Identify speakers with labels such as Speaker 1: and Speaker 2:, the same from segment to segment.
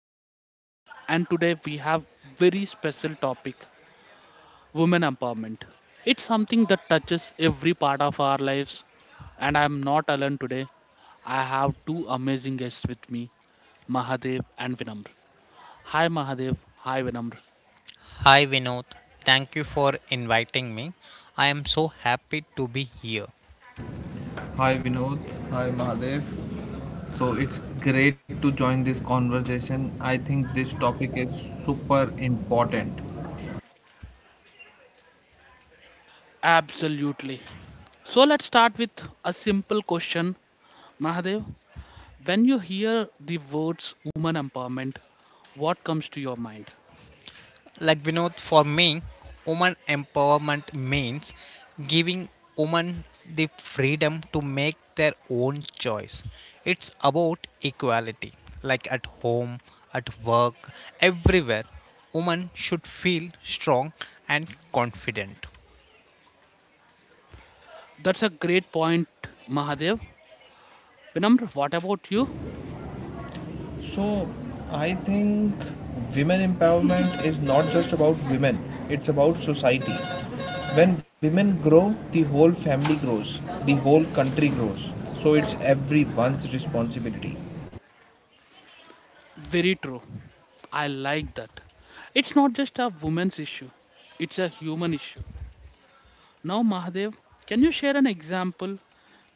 Speaker 1: I am Vinod and today we have very special topic, women empowerment. It's something that touches every part of our lives and I am not alone today. I have two amazing guests with me, Mahadev and Vinamr. Hi Mahadev, hi Vinamr.
Speaker 2: Hi Vinod, thank you for inviting me. I am so happy to be here.
Speaker 3: Hi Vinod, hi Mahadev. So it's great to join this conversation. I think this topic is super important.
Speaker 1: Absolutely. So let's start with a simple question. Mahadev, when you hear the words woman empowerment, what comes to your mind?
Speaker 2: Like Vinod, for me, woman empowerment means giving women the freedom to make their own choice. It's about equality, like at home, at work, everywhere. Women should feel strong and confident.
Speaker 1: That's a great point, Mahadev. Vinamr, what about you?
Speaker 3: So I think women empowerment is not just about women, it's about society. When women grow, the whole family grows, the whole country grows. So it's everyone's responsibility.
Speaker 1: Very true. I like that. It's not just a woman's issue, it's a human issue. Now, Mahadev, can you share an example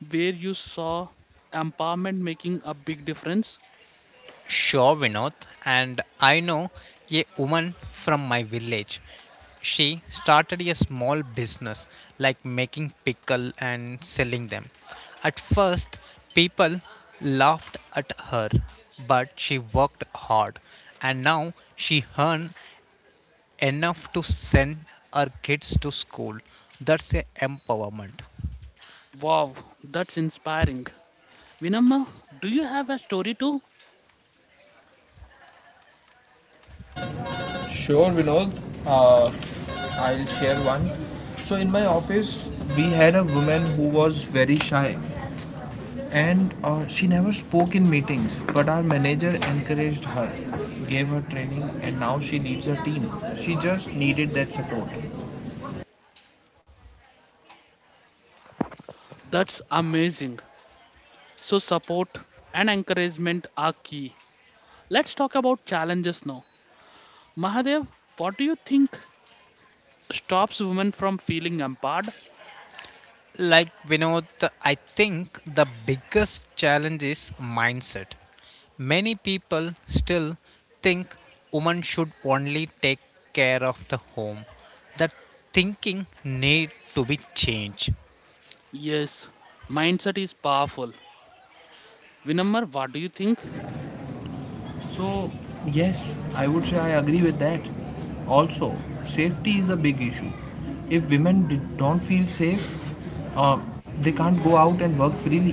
Speaker 1: where you saw empowerment making a big difference?
Speaker 2: Sure, Vinod. And I know a woman from my village. She started a small business like making pickle and selling them. At first, people laughed at her, but she worked hard and now she earned enough to send her kids to school. That's a empowerment.
Speaker 1: Wow, that's inspiring. Vinamma, do you have a story too?
Speaker 3: Sure, Vinod. Uh, I'll share one. So in my office, we had a woman who was very shy. And she never spoke in meetings, but our manager encouraged her, gave her training, and now she leads her team. She just needed that support.
Speaker 1: That's amazing. So, support and encouragement are key. Let's talk about challenges now. Mahadev, what do you think stops women from feeling empowered?
Speaker 2: Like Vinod, I think the biggest challenge is mindset. Many people still think women should only take care of the home. That thinking need to be changed.
Speaker 1: Yes, mindset is powerful. Vinamar, what do you think?
Speaker 3: So, yes, I would say I agree with that. Also, safety is a big issue. If women don't feel safe, uh, they can't go out and work freely.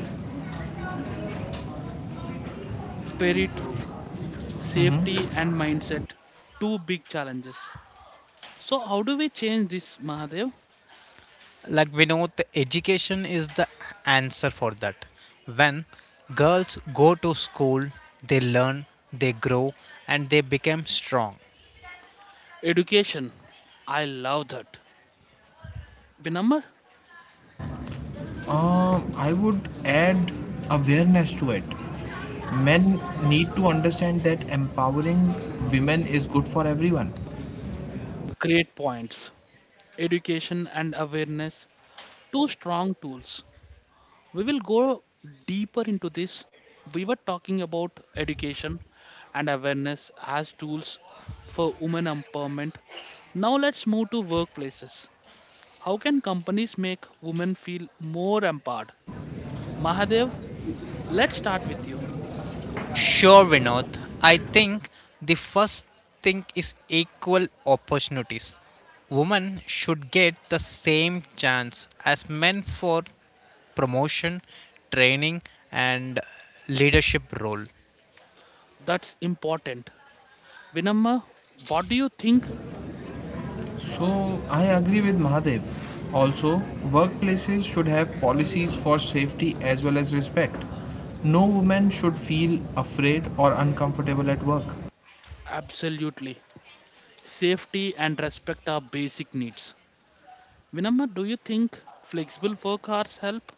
Speaker 1: Very true. Safety and mindset, two big challenges. So, how do we change this, Mahadev?
Speaker 2: Like Vinod, the education is the answer for that. When girls go to school, they learn, they grow, and they become strong.
Speaker 1: Education. I love that. Vinamar,
Speaker 3: I would add awareness to it. Men need to understand that empowering women is good for everyone.
Speaker 1: great points. Education and awareness, two strong tools. We will go deeper into this. We were talking about education and awareness as tools for women empowerment. Now let's move to workplaces. How can companies make women feel more empowered? Mahadev, let's start with you.
Speaker 2: Sure, Vinod. I think the first thing is equal opportunities. Women should get the same chance as men for promotion, training, and leadership role.
Speaker 1: That's important. Vinamma, what do you think?
Speaker 3: So, I agree with Mahadev. Also, workplaces should have policies for safety as well as respect. No woman should feel afraid or uncomfortable at work.
Speaker 1: Absolutely. Safety and respect are basic needs. Vinamma, do you think flexible work hours help?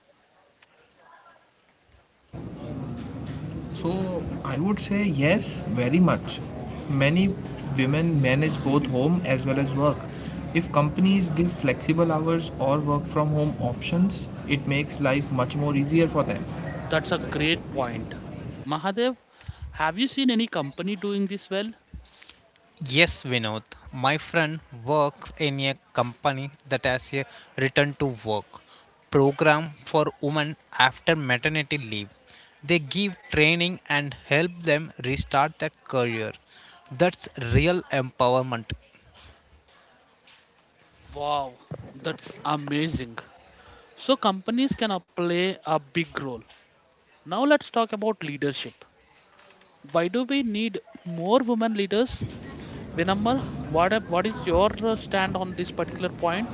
Speaker 3: So, I would say yes, very much. Many women manage both home as well as work. If companies give flexible hours or work from home options, it makes life much more easier for them.
Speaker 1: That's a great point. Mahadev, have you seen any company doing this well?
Speaker 2: Yes, Vinod. My friend works in a company that has a return to work program for women after maternity leave. They give training and help them restart their career. That's real empowerment.
Speaker 1: Wow, that's amazing. So, companies can play a big role. Now, let's talk about leadership. Why do we need more women leaders? Vinamar, what is your stand on this particular point?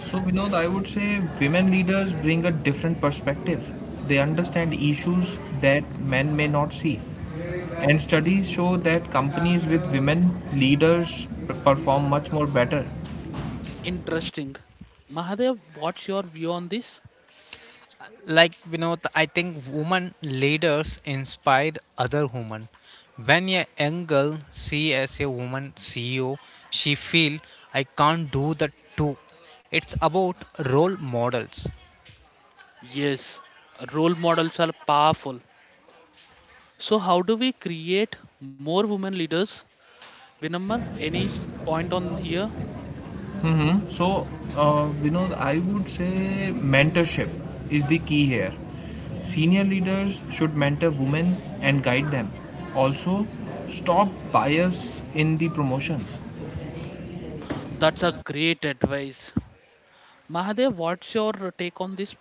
Speaker 3: So, Vinod, I would say women leaders bring a different perspective. They understand issues that men may not see. And studies show that companies with women leaders perform much more better.
Speaker 1: Interesting. Mahadev, what's your view on this?
Speaker 2: Like Vinod, I think women leaders inspire other women. When a young girl see as a woman CEO, she feel I can't do that too. It's about role models.
Speaker 1: Yes, role models are powerful. So, how do we create more women leaders? Vinamar, any point on here?
Speaker 3: So, Vinod, I would say mentorship is the key here. Senior leaders should mentor women and guide them. Also, stop bias in the promotions.
Speaker 1: That's a great advice. Mahadev, what's your take on this?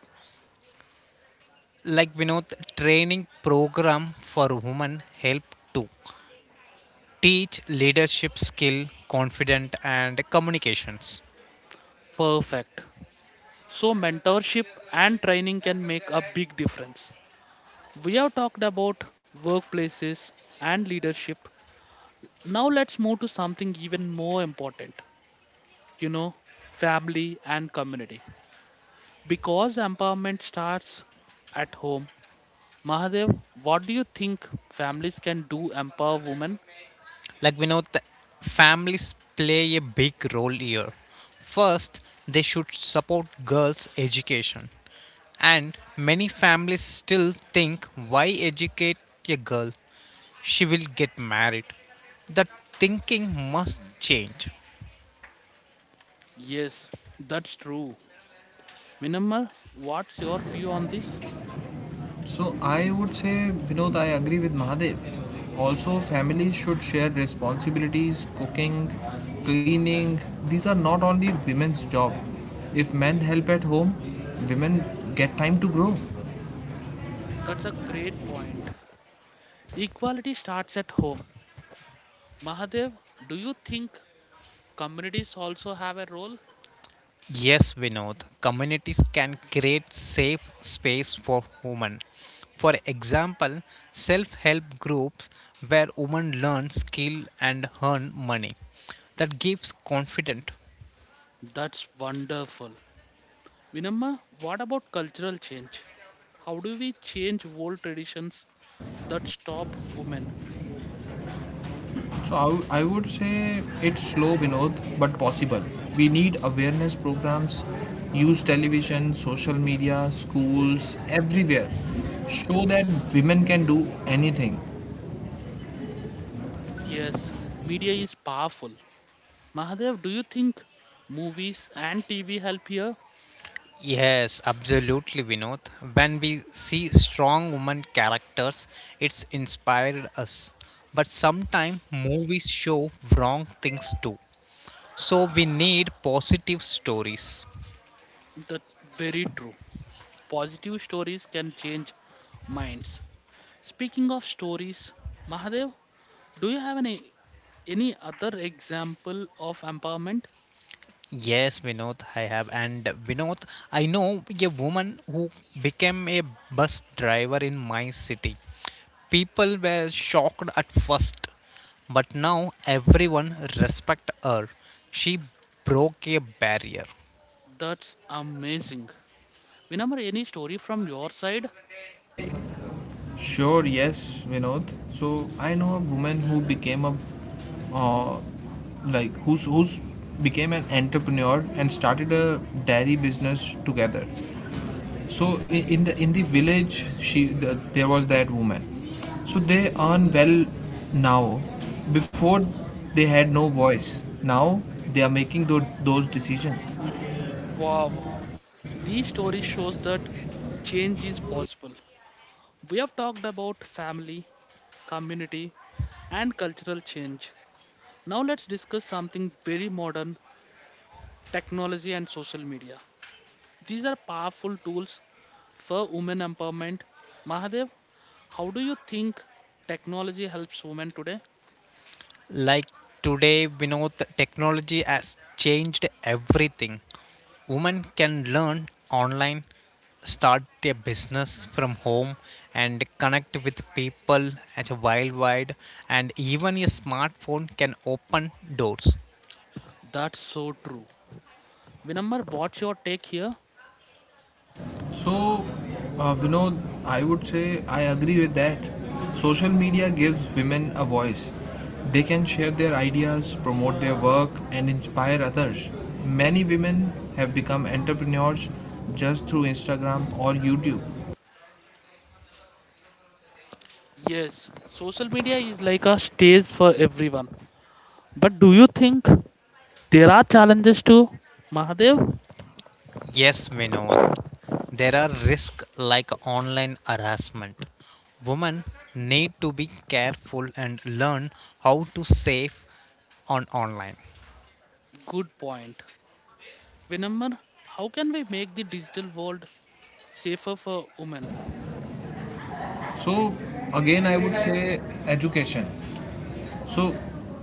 Speaker 2: Like Vinod, training program for women help to teach leadership skill, confidence, and communications.
Speaker 1: Perfect. So, mentorship and training can make a big difference. We have talked about workplaces and leadership. Now, let's move to something even more important, you know, family and community. Because empowerment starts at home. Mahadev, what do you think families can do empower women?
Speaker 2: Like Vinod, the families play a big role here. First, they should support girls' education. And many families still think, why educate a girl? She will get married. That thinking must change.
Speaker 1: Yes, that's true. Minamma, what's your view on this?
Speaker 3: So I would say, Vinod, I agree with Mahadev. Also, families should share responsibilities, cooking, cleaning. These are not only women's job. If men help at home, women get time to grow.
Speaker 1: That's a great point. Equality starts at home. Mahadev, do you think communities also have a role?
Speaker 2: Yes, Vinod, communities can create safe space for women. For example, self-help groups where women learn skill and earn money. That gives confidence.
Speaker 1: That's wonderful. Vinamma, what about cultural change? How do we change old traditions that stop women?
Speaker 3: So I would say it's slow, Vinod, but possible. We need awareness programs, use television, social media, schools, everywhere. Show that women can do anything.
Speaker 1: Yes, media is powerful. Mahadev, do you think movies and TV help here?
Speaker 2: Yes, absolutely, Vinod. When we see strong woman characters, it's inspired us. But sometimes movies show wrong things too. So we need positive stories.
Speaker 1: That's very true. Positive stories can change minds. Speaking of stories, Mahadev, do you have any other example of empowerment?
Speaker 2: Yes, Vinod, I have. And Vinod, I know a woman who became a bus driver in my city. People were shocked at first, but now everyone respect her. She broke a barrier.
Speaker 1: That's amazing. Remember any story from your side?
Speaker 3: Sure, yes, Vinod. So I know a woman who became a, uh, like who's who's became an entrepreneur and started a dairy business together. So in the village, there was that woman. So they earn well now. Before they had no voice. Now they are making those decisions.
Speaker 1: Wow, these stories shows that change is possible. We have talked about family, community, and cultural change. Now let's discuss something very modern, technology and social media. These are powerful tools for women empowerment. Mahadev, how do you think technology helps women today?
Speaker 2: Like today, we know the technology has changed everything. Women can learn online, start a business from home, and connect with people as a worldwide. And even a smartphone can open doors.
Speaker 1: That's so true. Vinamar, what's your take here?
Speaker 3: So, Vinod, I would say I agree with that. Social media gives women a voice. They can share their ideas, promote their work, and inspire others. Many women have become entrepreneurs just through Instagram or YouTube.
Speaker 1: Yes, social media is like a stage for everyone. But do you think there are challenges too, Mahadev?
Speaker 2: Yes, Vinod, there are risks like online harassment. Women need to be careful and learn how to save on online.
Speaker 1: Good point. Vinamar, how can we make the digital world safer for women?
Speaker 3: So, again, I would say education. So,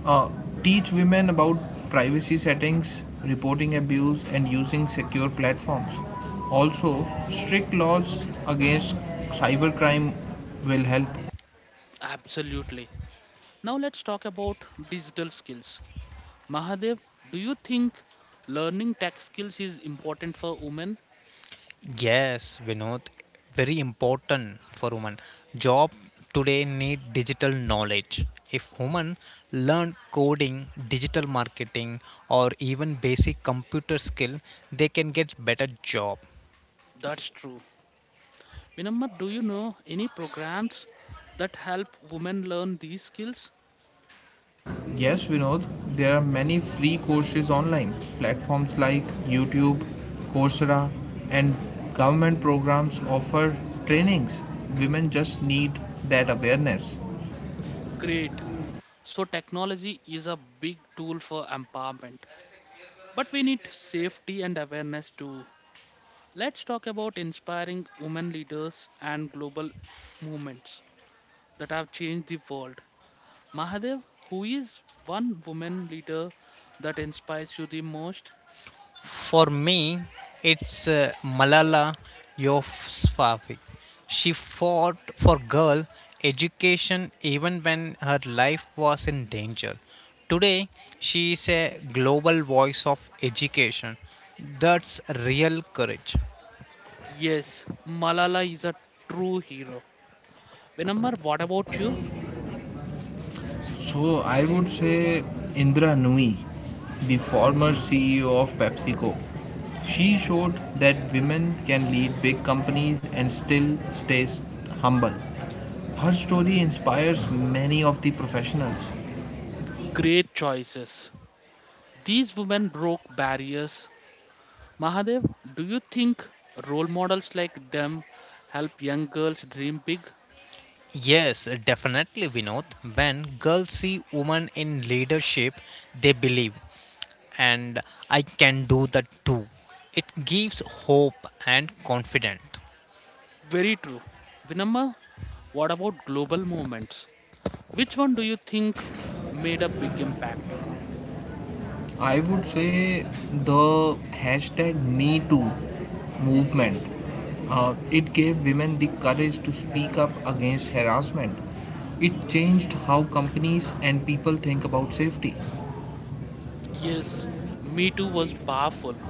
Speaker 3: uh, teach women about privacy settings, reporting abuse, and using secure platforms. Also, strict laws against cybercrime will help.
Speaker 1: Absolutely. Now let's talk about digital skills. Mahadev, do you think learning tech skills is important for women?
Speaker 2: Yes, Vinod, very important for women. Job today need digital knowledge. If women learn coding, digital marketing, or even basic computer skill, they can get better job.
Speaker 1: That's true. Vinamma, do you know any programs that help women learn these skills?
Speaker 3: Yes, Vinod, there are many free courses online. Platforms like YouTube, Coursera, and government programs offer trainings. Women just need that awareness.
Speaker 1: Great. So, technology is a big tool for empowerment. But we need safety and awareness too. Let's talk about inspiring women leaders and global movements that have changed the world. Mahadev, who is one woman leader that inspires you the most?
Speaker 2: For me, it's Malala Yousafzai. She fought for girl education even when her life was in danger. Today, she is a global voice of education. That's real courage.
Speaker 1: Yes, Malala is a true hero. Vinamar, what about you?
Speaker 3: So I would say Indra Nooyi, the former CEO of PepsiCo. She showed that women can lead big companies and still stay humble. Her story inspires many of the professionals.
Speaker 1: Great choices. These women broke barriers. Mahadev, do you think role models like them help young girls dream big?
Speaker 2: Yes, definitely, Vinod. When girls see women in leadership, they believe, and I can do that too. It gives hope and confidence.
Speaker 1: Very true. Vinamma, what about global movements? Which one do you think made a big impact?
Speaker 3: I would say the hashtag MeToo movement. It gave women the courage to speak up against harassment. It changed how companies and people think about safety.
Speaker 1: Yes, Me Too was powerful.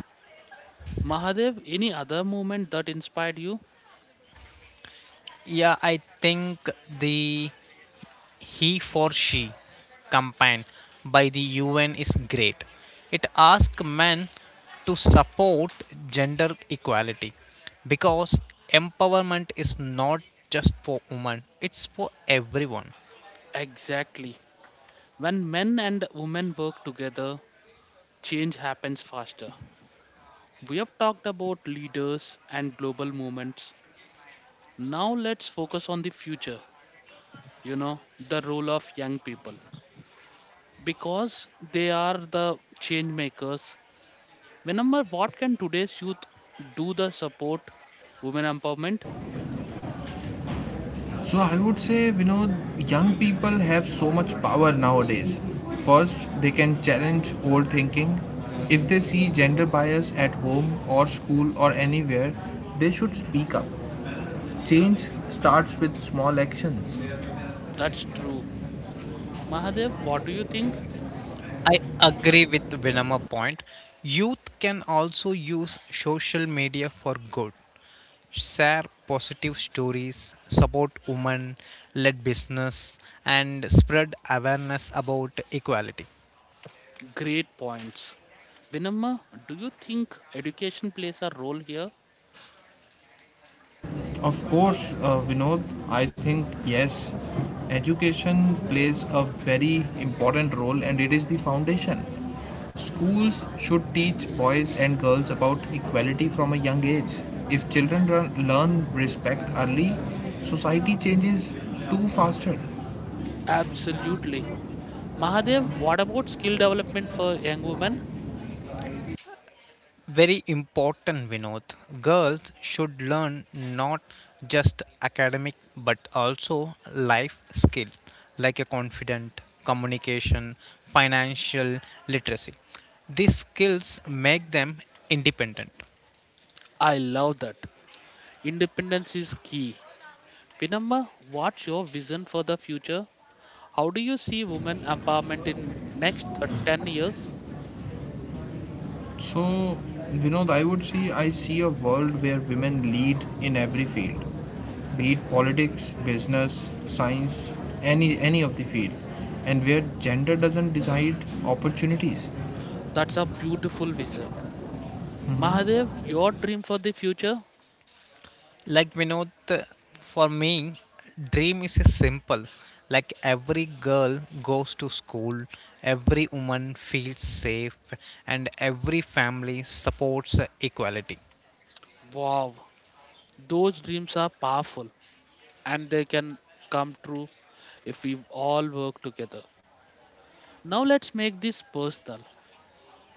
Speaker 1: Mahadev, any other movement that inspired you?
Speaker 2: Yeah, I think the he for she campaign by the UN is great. It asks men to support gender equality because empowerment is not just for women, it's for everyone.
Speaker 1: Exactly. When men and women work together, change happens faster. We have talked about leaders and global movements. Now let's focus on the future, you know, the role of young people. Because they are the change makers. Whenever what can today's youth do the support women empowerment?
Speaker 3: So I would say, Vinod, young people have so much power nowadays. First, they can challenge old thinking. If they see gender bias at home or school or anywhere, they should speak up. Change starts with small actions.
Speaker 1: That's true. Mahadev, what do you think?
Speaker 2: I agree with Vinama point. Youth can also use social media for good. Share positive stories, support women led business and spread awareness about equality.
Speaker 1: Great points. Vinamma, do you think education plays a role here?
Speaker 3: Of course, Vinod, I think yes. Education plays a very important role and it is the foundation. Schools should teach boys and girls about equality from a young age. If children run, learn respect early, society changes too faster.
Speaker 1: Absolutely. Mahadev, what about skill development for young women?
Speaker 2: Very important, Vinod. Girls should learn not just academic but also life skills like a confident communication, financial literacy. These skills make them independent.
Speaker 1: I love that. Independence is key. Vinamma, what's your vision for the future? How do you see women empowerment in next 10 years?
Speaker 3: So, Vinod, I see a world where women lead in every field, be it politics, business, science, any of the field, and where gender doesn't decide opportunities.
Speaker 1: That's a beautiful vision. Mahadev, your dream for the future?
Speaker 2: Like Vinod, for me, dream is a simple. Like every girl goes to school, every woman feels safe, and every family supports equality.
Speaker 1: Wow, those dreams are powerful and they can come true if we all work together. Now let's make this personal.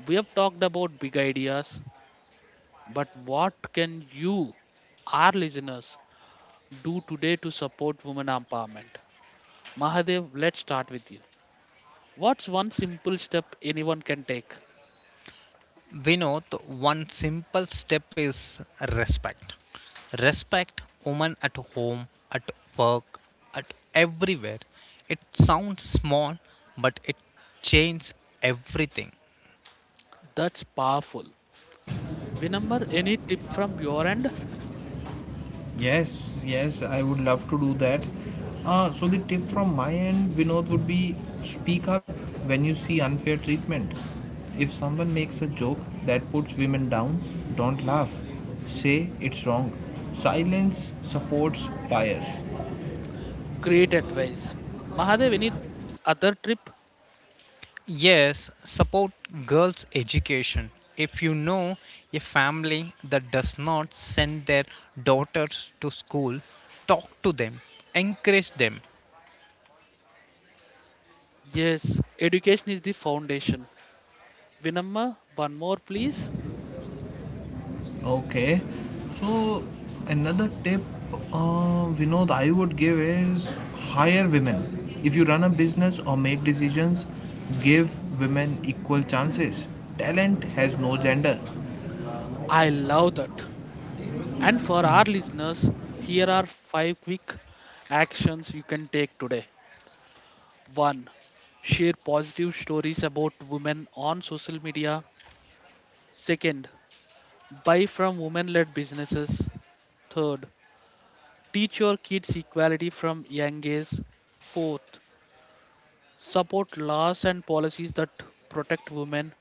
Speaker 1: We have talked about big ideas, but what can you, our listeners, do today to support women empowerment? Mahadev, let's start with you. What's one simple step anyone can take?
Speaker 2: Vinod, one simple step is respect. Respect women at home, at work, at everywhere. It sounds small, but it changes everything.
Speaker 1: That's powerful. Vinambar, any tip from your end?
Speaker 3: Yes, yes, I would love to do that. The tip from my end, Vinod, would be speak up when you see unfair treatment. If someone makes a joke that puts women down, don't laugh. Say it's wrong. Silence supports bias.
Speaker 1: Great advice. Mahadev, any other tip?
Speaker 2: Yes, support girls' education. If you know a family that does not send their daughters to school, talk to them, encourage them.
Speaker 1: Yes, education is the foundation. Vinamma, one more please.
Speaker 3: Okay, so another tip Vinod I would give is hire women. If you run a business or make decisions, give women equal chances. Talent has no gender.
Speaker 1: I love that. And for our listeners, here are five quick actions you can take today. 1. Share positive stories about women on social media. Second, buy from women led businesses. Third, teach your kids equality from young age. 4th. Support laws and policies that protect women.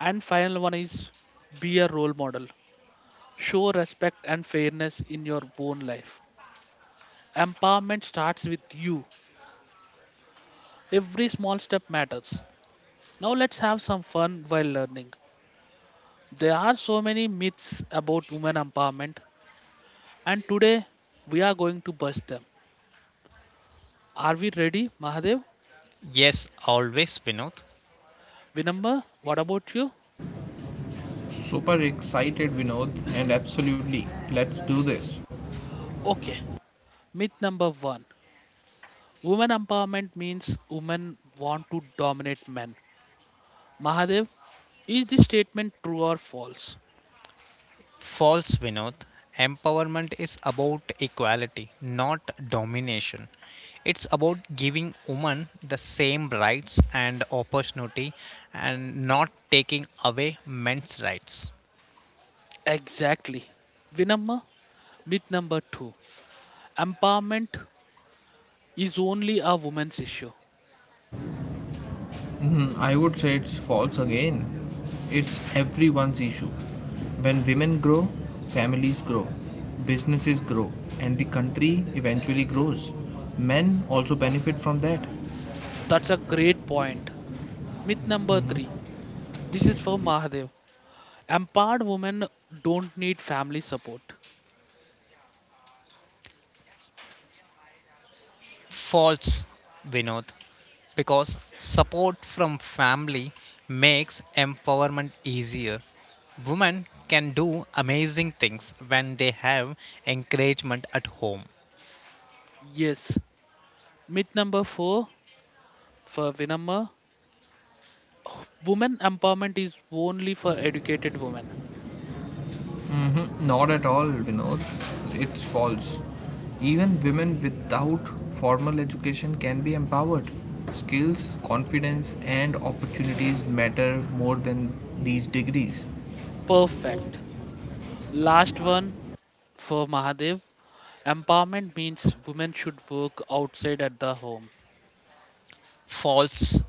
Speaker 1: And final one is be a role model. Show respect and fairness in your own life. Empowerment starts with you. Every small step matters. Now let's have some fun while learning. There are so many myths about women empowerment, and today we are going to bust them. Are we ready, Mahadev?
Speaker 2: Yes, always, Vinod.
Speaker 1: Vinamba, what about you?
Speaker 3: Super excited, Vinod, and absolutely, let's do this.
Speaker 1: Okay, myth number one. Women empowerment means women want to dominate men. Mahadev, is this statement true or false?
Speaker 2: False, Vinod. Empowerment is about equality, not domination. It's about giving women the same rights and opportunity and not taking away men's rights.
Speaker 1: Exactly. Vinamma, myth number two. Empowerment is only a woman's issue.
Speaker 3: I would say it's false again. It's everyone's issue. When women grow, families grow, businesses grow, and the country eventually grows. Men also benefit from that.
Speaker 1: That's a great point. Myth number three, this is for Mahadev. Empowered women don't need family support.
Speaker 2: False, Vinod, because support from family makes empowerment easier. Women can do amazing things when they have encouragement at home.
Speaker 1: Yes. Myth number four, for Vinamma. Women empowerment is only for educated women.
Speaker 3: Not at all, Vinod. It's false. Even women without formal education can be empowered. Skills, confidence, and opportunities matter more than these degrees.
Speaker 1: Perfect. Last one, for Mahadev. Empowerment means women should work outside at the home.
Speaker 2: False,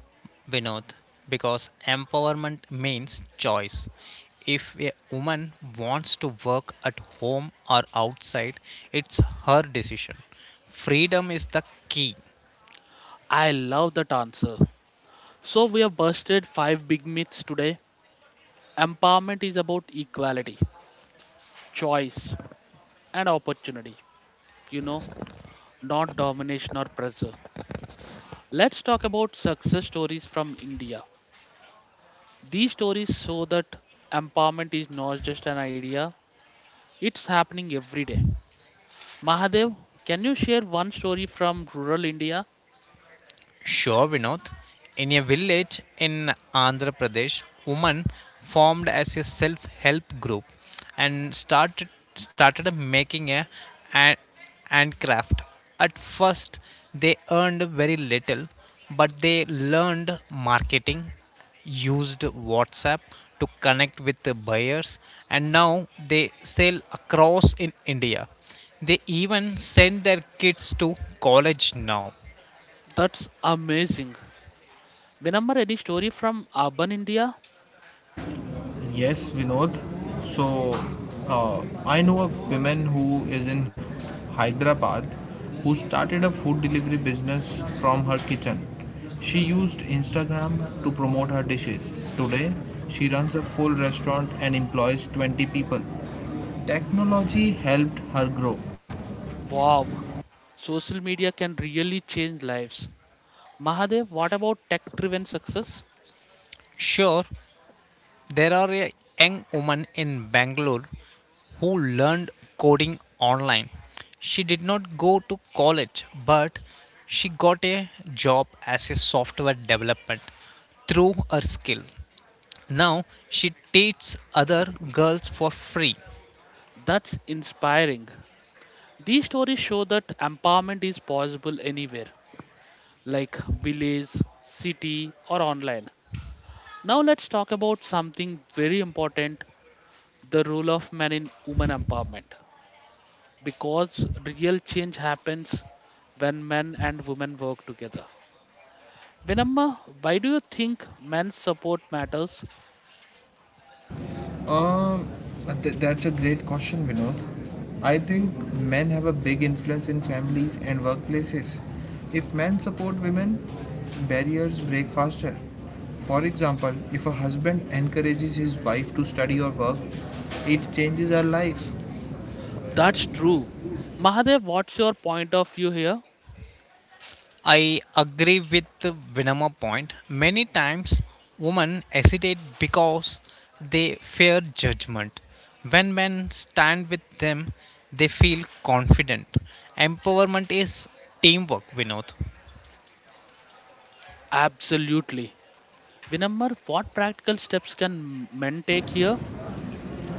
Speaker 2: Vinod, because empowerment means choice. If a woman wants to work at home or outside, it's her decision. Freedom is the key.
Speaker 1: I love that answer. So we have busted five big myths today. Empowerment is about equality, choice, and opportunity. You know, not domination or pressure. Let's talk about success stories from India. These stories show that empowerment is not just an idea, it's happening every day. Mahadev, can you share one story from rural India?
Speaker 2: Sure, Vinod. In a village in Andhra Pradesh, women formed as a self-help group and started making a hand- handcraft. At first, they earned very little, but they learned marketing, used WhatsApp to connect with the buyers, and now they sell across in India. They even send their kids to college now.
Speaker 1: That's amazing. Remember any story from urban India?
Speaker 3: Yes, Vinod. So, I know a woman who is in Hyderabad who started a food delivery business from her kitchen. She used Instagram to promote her dishes. Today, she runs a full restaurant and employs 20 people. Technology helped her grow.
Speaker 1: Wow, social media can really change lives. Mahadev, what about tech driven success?
Speaker 2: Sure. There are a young woman in Bangalore who learned coding online. She did not go to college, but she got a job as a software development through her skill. Now she teaches other girls for free.
Speaker 1: That's inspiring. These stories show that empowerment is possible anywhere. Like village, city, or online. Now let's talk about something very important, the role of men in women empowerment. Because real change happens when men and women work together. Vinamma, why do you think men's support matters?
Speaker 3: Um, that's a great question, Vinod. I think men have a big influence in families and workplaces. If men support women, barriers break faster. For example, if a husband encourages his wife to study or work, it changes her life.
Speaker 1: That's true. Mahadev, what's your point of view here?
Speaker 2: I agree with the Vinama point. Many times women hesitate because they fear judgment. When men stand with them, they feel confident. Empowerment is teamwork, Vinod.
Speaker 1: Absolutely. Vinamma, what practical steps can men take here?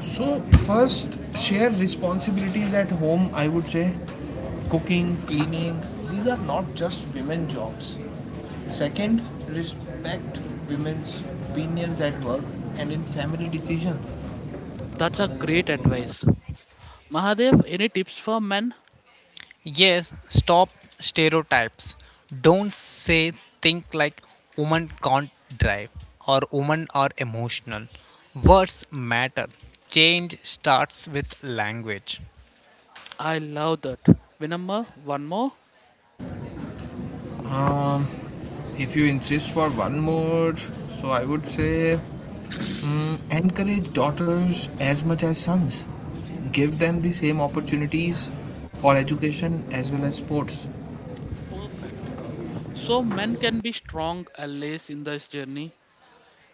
Speaker 3: So, first, share responsibilities at home, I would say. Cooking, cleaning, these are not just women jobs. Second, respect women's opinions at work and in family decisions.
Speaker 1: That's a great advice. Mahadev, any tips for men?
Speaker 2: Yes, stop stereotypes. Don't say think like women can't drive or women are emotional. Words matter. Change starts with language.
Speaker 1: I love that. Vinamma, one more?
Speaker 3: If you insist for one more, so I would say encourage daughters as much as sons. Give them the same opportunities for education as well as sports.
Speaker 1: Perfect. So, men can be strong allies in this journey.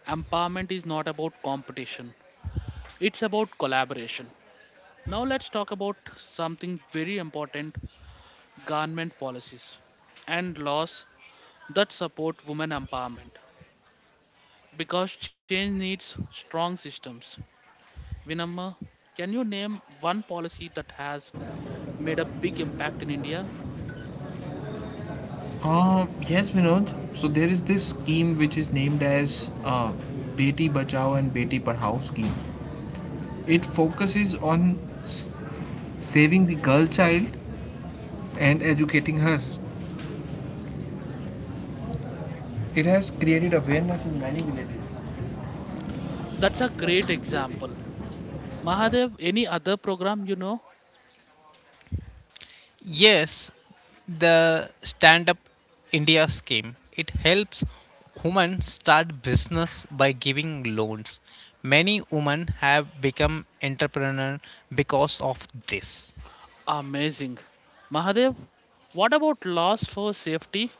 Speaker 1: Empowerment is not about competition, it's about collaboration. Now, let's talk about something very important, government policies and laws that support women empowerment because change needs strong systems. Vinamma, can you name one policy that has made a big impact in India?
Speaker 3: Yes, Vinod. So there is this scheme which is named as Beti Bachao and Beti Padhao scheme. It focuses on s- saving the girl child and educating her. It has created awareness in many villages.
Speaker 1: That's a great example. Mahadev, any other program you know?
Speaker 2: Yes, the Stand Up India scheme. It helps women start business by giving loans. Many women have become entrepreneur because of this.
Speaker 1: Amazing. Mahadev, what about laws for safety?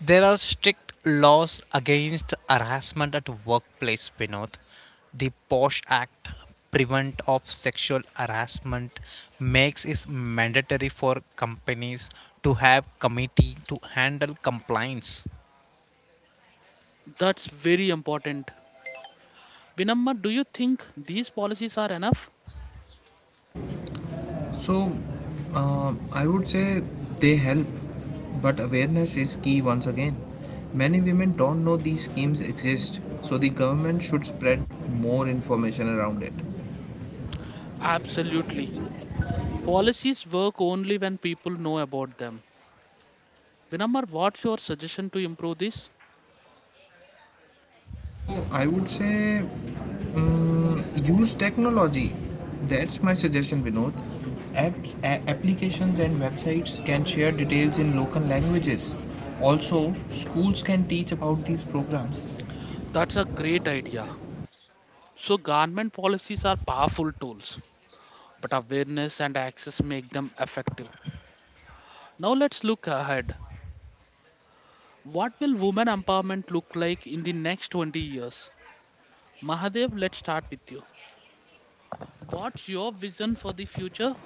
Speaker 2: There are strict laws against harassment at workplace, Vinod. The POSH Act, Prevent of Sexual Harassment, makes it mandatory for companies to have committee to handle complaints.
Speaker 1: That's very important. Vinamma, do you think these policies are enough?
Speaker 3: So I would say they help, but awareness is key once again. Many women don't know these schemes exist, so the government should spread more information around it.
Speaker 1: Absolutely. Policies work only when people know about them. Vinamma, what's your suggestion to improve this?
Speaker 3: So I would say use technology. That's my suggestion, Vinod. Apps, applications, and websites can share details in local languages. Also, schools can teach about these programs.
Speaker 1: That's a great idea. So, government policies are powerful tools, but awareness and access make them effective. Now, let's look ahead. What will women empowerment look like in the next 20 years? Mahadev, let's start with you. What's your vision for the future?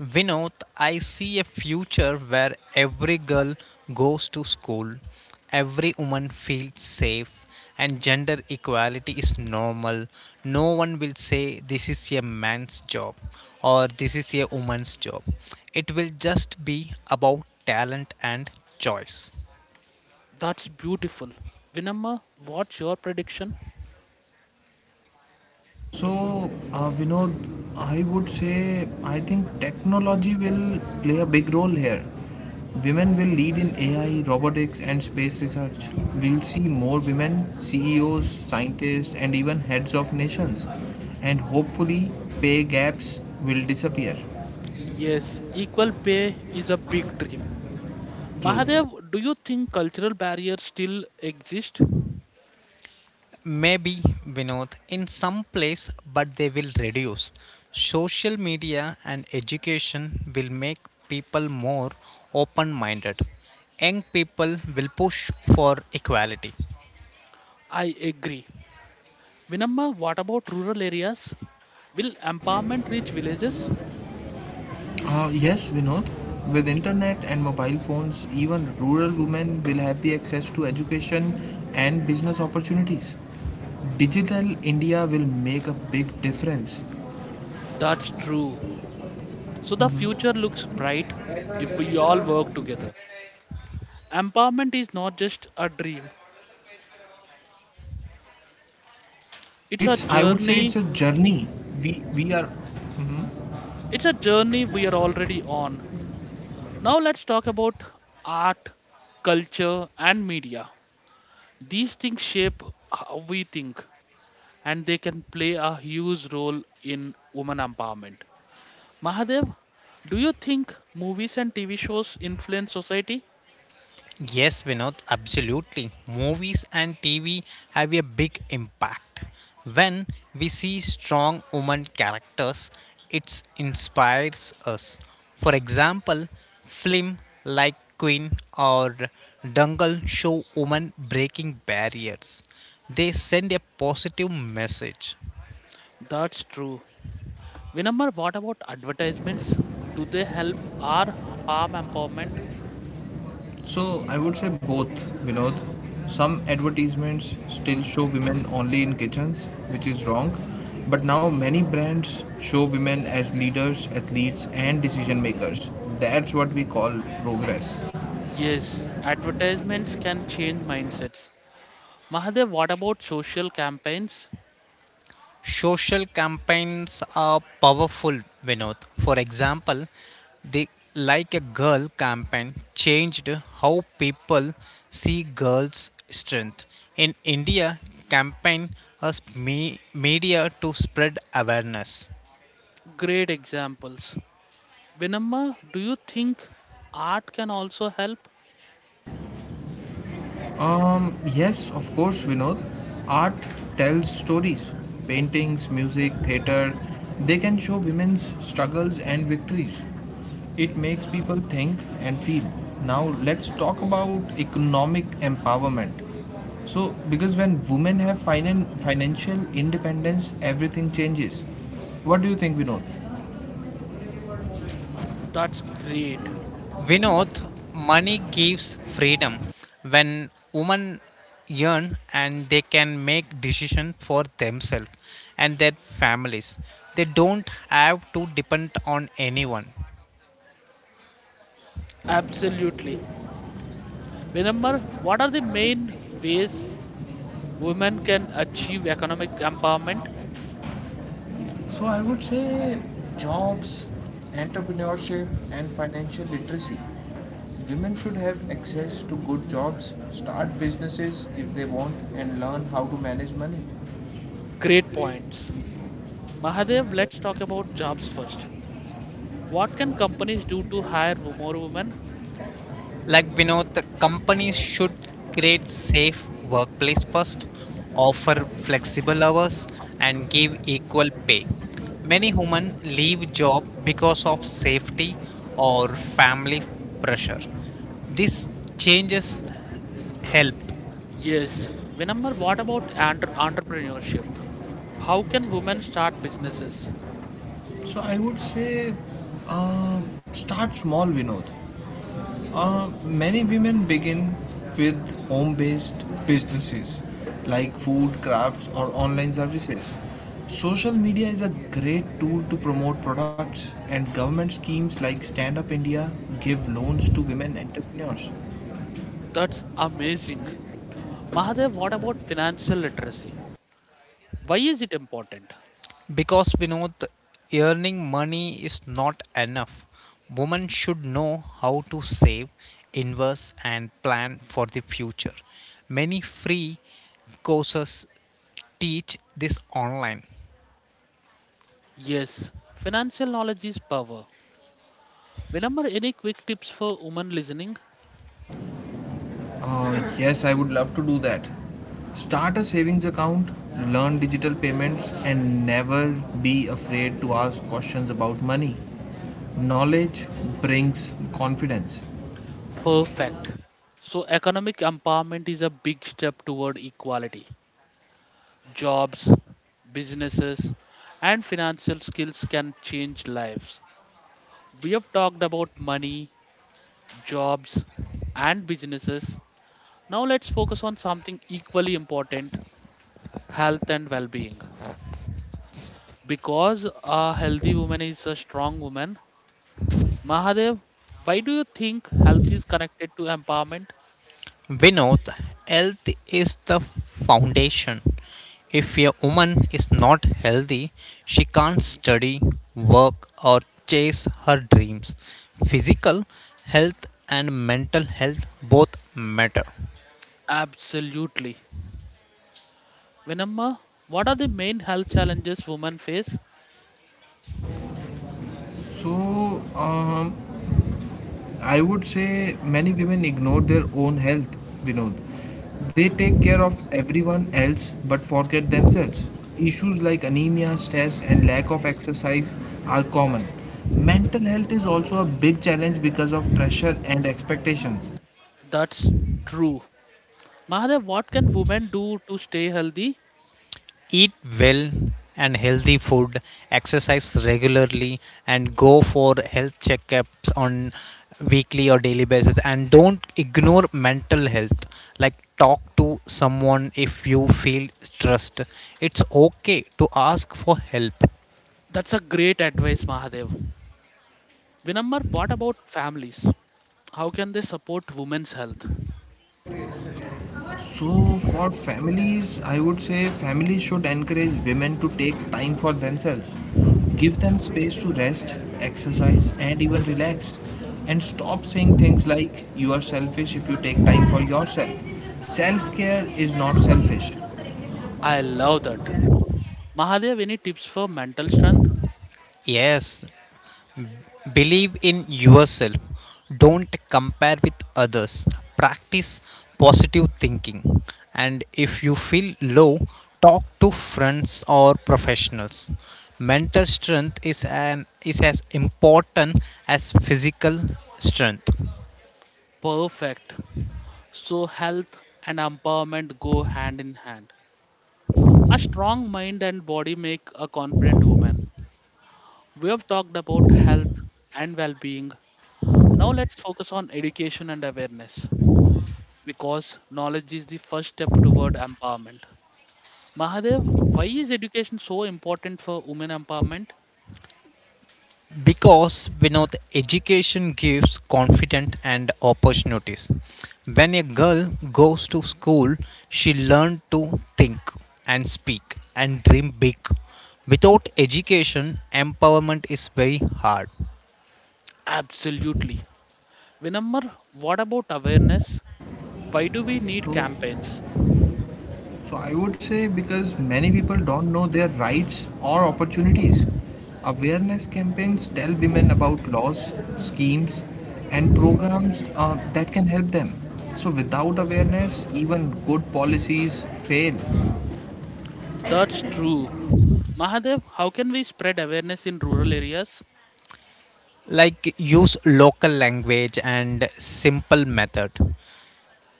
Speaker 2: Vinod, I see a future where every girl goes to school, every woman feels safe, and gender equality is normal. No one will say this is a man's job or this is a woman's job. It will just be about talent and choice.
Speaker 1: That's beautiful. Vinamma, what's your prediction?
Speaker 3: So, Vinod, I would say I think technology will play a big role here. Women will lead in AI, robotics, and space research. We'll see more women, CEOs, scientists, and even heads of nations. And hopefully, pay gaps will disappear.
Speaker 1: Yes, equal pay is a big dream.
Speaker 3: True.
Speaker 1: Mahadev, do you think cultural barriers still exist?
Speaker 2: Maybe Vinod in some place, but they will reduce. Social media and education will make people more open minded. Young people will push for equality.
Speaker 1: I agree. Vinamma, what about rural areas? Will empowerment reach villages?
Speaker 3: Yes, Vinod. With internet and mobile phones, even rural women will have the access to education and business opportunities. Digital India will make a big difference.
Speaker 1: That's true. So the future looks bright if we all work together. Empowerment is not just a dream. It's a
Speaker 3: It's, I would say it's
Speaker 1: journey.
Speaker 3: a journey. We, we are...
Speaker 1: It's a journey we are already on. Now let's talk about art, culture and media. These things shape how we think and they can play a huge role in women empowerment. Mahadev, do you think movies and TV shows influence society?
Speaker 2: Yes, Vinod, absolutely. Movies and TV have a big impact. When we see strong woman characters, it inspires us. For example, film like Queen or Dangal show women breaking barriers. They send a positive message.
Speaker 1: That's true. Vinamar, what about advertisements? Do they help or harm empowerment?
Speaker 3: So I would say both, Vinod. Some advertisements still show women only in kitchens, which is wrong. But now many brands show women as leaders, athletes, and decision makers. That's what we call progress.
Speaker 1: Yes, advertisements can change mindsets. Mahadev, what about social campaigns?
Speaker 2: Social campaigns are powerful, Vinod. For example, the Like a Girl campaign changed how people see girls' strength. In India, campaign as media to spread awareness.
Speaker 1: Great examples. Vinamma, do you think art can also help?
Speaker 3: Yes, of course, Vinod. Art tells stories. Paintings, music, theater, they can show women's struggles and victories. It makes people think and feel. Now, let's talk about economic empowerment. So, because when women have financial independence, everything changes. What do you think, Vinod?
Speaker 1: That's great.
Speaker 2: Vinod, money gives freedom. When women earn and they can make decision for themselves and their families, they don't have to depend on anyone.
Speaker 1: Absolutely. Vinamma, what are the main ways women can achieve economic empowerment?
Speaker 3: So I would say jobs, entrepreneurship, and financial literacy. Women should have access to good jobs, start businesses if they want, and learn how to manage money.
Speaker 1: Great points. Mahadev, let's talk about jobs first. What can companies do to hire more women?
Speaker 2: Like Vinod, the companies should create safe workplace first, offer flexible hours, and give equal pay. Many women leave job because of safety or family pressure. This changes help.
Speaker 1: Yes. Vinamar, what about entrepreneurship? How can women start businesses?
Speaker 3: So I would say uh, start small, Vinod. Many women begin with home based businesses like food, crafts, or online services. Social media is a great tool to promote products, and government schemes like Stand Up India give loans to women entrepreneurs.
Speaker 1: That's amazing. Mahadev, what about financial literacy? Why is it important?
Speaker 2: Because Vinod, earning money is not enough. Women should know how to save, invest, and plan for the future. Many free courses teach this online.
Speaker 1: Yes, financial knowledge is power. Vinamar, any quick tips for women listening?
Speaker 3: Yes, I would love to do that. Start a savings account, learn digital payments, and never be afraid to ask questions about money. Knowledge brings confidence.
Speaker 1: Perfect. So, economic empowerment is a big step toward equality. Jobs, businesses, and financial skills can change lives. We have talked about money, jobs, and businesses. Now let's focus on something equally important, health and well being. Because a healthy woman is a strong woman, Mahadev, why do you think health is connected to empowerment?
Speaker 2: Vinod, health is the foundation. If a woman is not healthy, she can't study, work, or chase her dreams. Physical health and mental health both matter.
Speaker 1: Absolutely. Vinamma, what are the main health challenges women face?
Speaker 3: So, um, I would say many women ignore their own health, Vinod. They take care of everyone else but forget themselves. Issues like anemia, stress, and lack of exercise are common. Mental health is also a big challenge because of pressure and expectations.
Speaker 1: That's true. Mahadev, what can women do to stay healthy?
Speaker 2: Eat well and healthy food, exercise regularly, and go for health checkups on weekly or daily basis. And don't ignore mental health. Like talk to someone if you feel stressed. It's okay to ask for help.
Speaker 1: That's a great advice, Mahadev. Vinamma, what about families? How can they support women's health?
Speaker 3: So, for families, I would say families should encourage women to take time for themselves. Give them space to rest, exercise, and even relax. And stop saying things like, you are selfish if you take time for yourself. Self care is not selfish.
Speaker 1: I love that. Mahadev, any tips for mental strength?
Speaker 2: Yes, believe in yourself. Don't compare with others. Practice positive thinking. And if you feel low, talk to friends or professionals. Mental strength is as important as physical strength.
Speaker 1: Perfect. So, health and empowerment go hand in hand. A strong mind and body make a confident woman. We have talked about health and well being. Now, let's focus on education and awareness, because knowledge is the first step toward empowerment. Mahadev, why is education so important for women empowerment?
Speaker 2: Because Vinod, education gives confidence and opportunities. When a girl goes to school, she learns to think and speak and dream big. Without education, empowerment is very hard.
Speaker 1: Absolutely. Vinamar, what about awareness? Why do we need
Speaker 3: So,
Speaker 1: campaigns?
Speaker 3: So, I would say because many people don't know their rights or opportunities. Awareness campaigns tell women about laws, schemes, and programs that can help them. So without awareness, even good policies fail.
Speaker 1: That's true. Mahadev, how can we spread awareness in rural areas?
Speaker 2: Like use local language and simple method.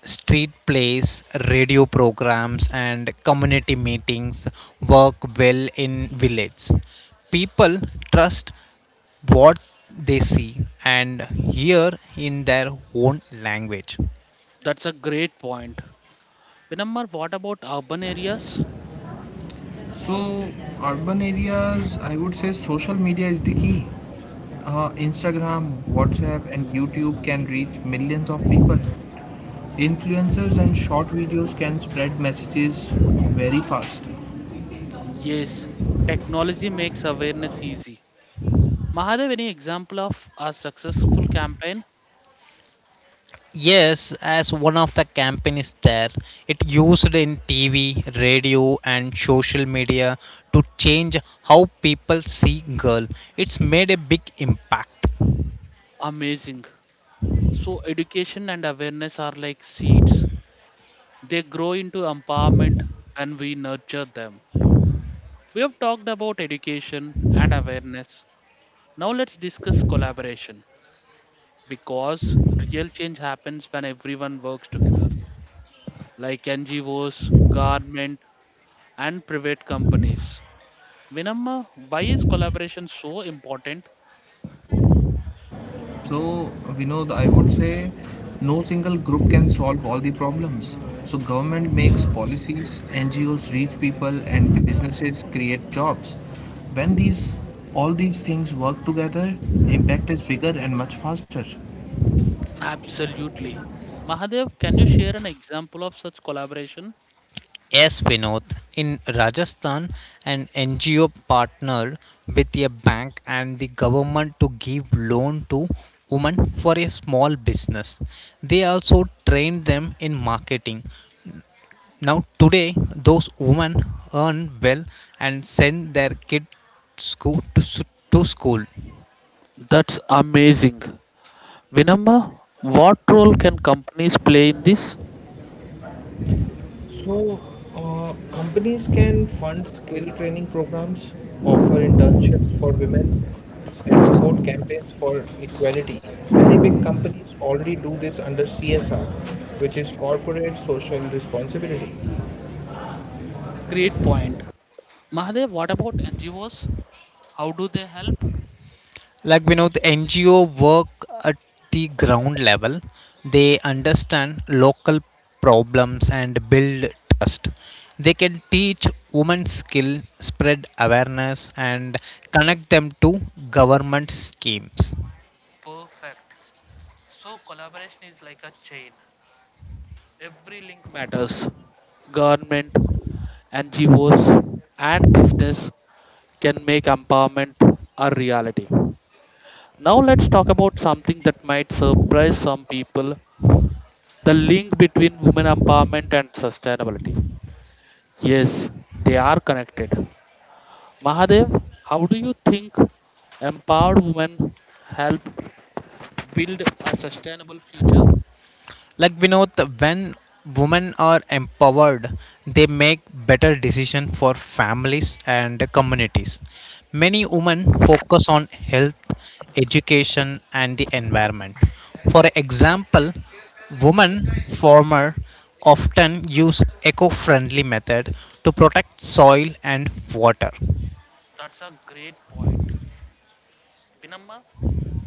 Speaker 2: Street plays, radio programs, and community meetings work well in village. People trust what they see and hear in their own language.
Speaker 1: That's a great point. Vinamar, what about urban areas?
Speaker 3: So urban areas, I would say social media is the key. Instagram, WhatsApp, and YouTube can reach millions of people. Influencers and short videos can spread messages very fast.
Speaker 1: Yes, technology makes awareness easy. Mahadev, any example of a successful campaign?
Speaker 2: Yes, as one of the campaigns there, it used in TV, radio, and social media to change how people see girl. It's made a big impact.
Speaker 1: Amazing. So, education and awareness are like seeds, they grow into empowerment and we nurture them. We have talked about education and awareness. Now, let's discuss collaboration, because real change happens when everyone works together, like NGOs, government, and private companies. Vinamma, why is collaboration so important?
Speaker 3: So, Vinod, I would say no single group can solve all the problems. So, government makes policies, NGOs reach people, and businesses create jobs. When these all these things work together, impact is bigger and much faster.
Speaker 1: Absolutely. Mahadev, can you share an example of such collaboration?
Speaker 2: Yes, Vinod. In Rajasthan, an NGO partnered with a bank and the government to give loan to women for a small business. They also trained them in marketing. Now today, those women earn well and send their kids school to, to school.
Speaker 1: That's amazing. Vinamma, what role can companies play in this?
Speaker 3: So, companies can fund skill training programs, offer internships for women, and support campaigns for equality. Many big companies already do this under CSR, which is corporate social responsibility.
Speaker 1: Great point. Mahadev, what about NGOs? How do they help?
Speaker 2: Like Vinod, NGO work at the ground level. They understand local problems and build trust. They can teach women skill, spread awareness, and connect them to government schemes.
Speaker 1: Perfect. So, collaboration is like a chain. Every link matters. Government, NGOs, and business can make empowerment a reality. Now, let's talk about something that might surprise some people, the link between women empowerment and sustainability. Yes, they are connected. Mahadev, how do you think empowered women help build a sustainable future?
Speaker 2: Like Vinod, when women are empowered, they make better decision for families and communities. Many women focus on health, education, and the environment. For example, women farmer often use eco-friendly method to protect soil and water.
Speaker 1: That's a great point. Vinamma,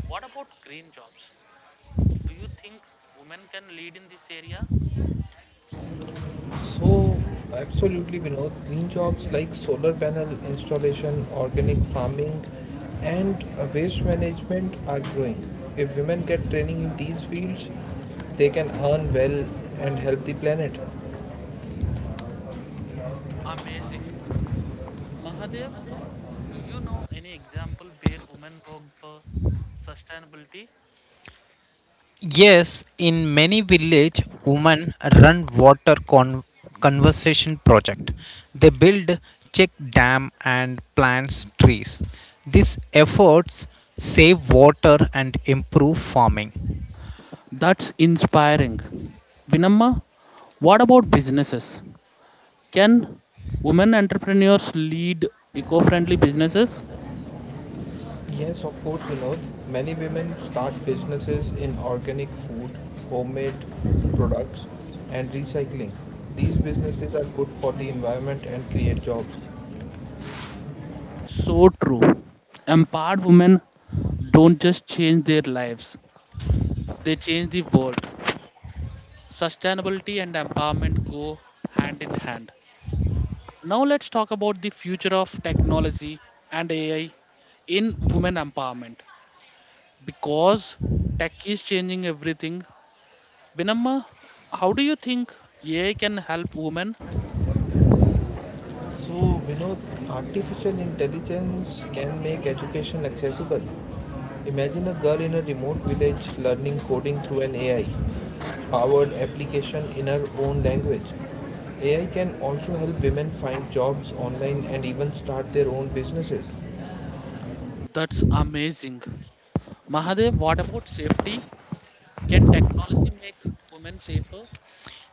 Speaker 1: what about green jobs? Do you think women can lead in this area?
Speaker 3: So, absolutely, Vinod, green jobs like solar panel installation, organic farming, and waste management are growing. If women get training in these fields, they can earn well and help the planet.
Speaker 1: Amazing. Mahadev, do you know any example where women work for sustainability?
Speaker 2: Yes, in many village, women run conservation project. They build check dam and plants trees. These efforts save water and improve farming.
Speaker 1: That's inspiring. Vinamma, what about businesses? Can women entrepreneurs lead eco friendly businesses?
Speaker 3: Yes, of course, Vinod. Many women start businesses in organic food, homemade products, and recycling. These businesses are good for the environment and create jobs.
Speaker 1: So true. Empowered women don't just change their lives, they change the world. Sustainability and empowerment go hand in hand. Now let's talk about the future of technology and AI in women empowerment, because tech is changing everything. Vinamma, how do you think AI can help women?
Speaker 3: Vinod, artificial intelligence can make education accessible. Imagine a girl in a remote village learning coding through an AI powered application in her own language. AI can also help women find jobs online and even start their own businesses.
Speaker 1: That's amazing. Mahadev, what about safety? Can technology make women safer?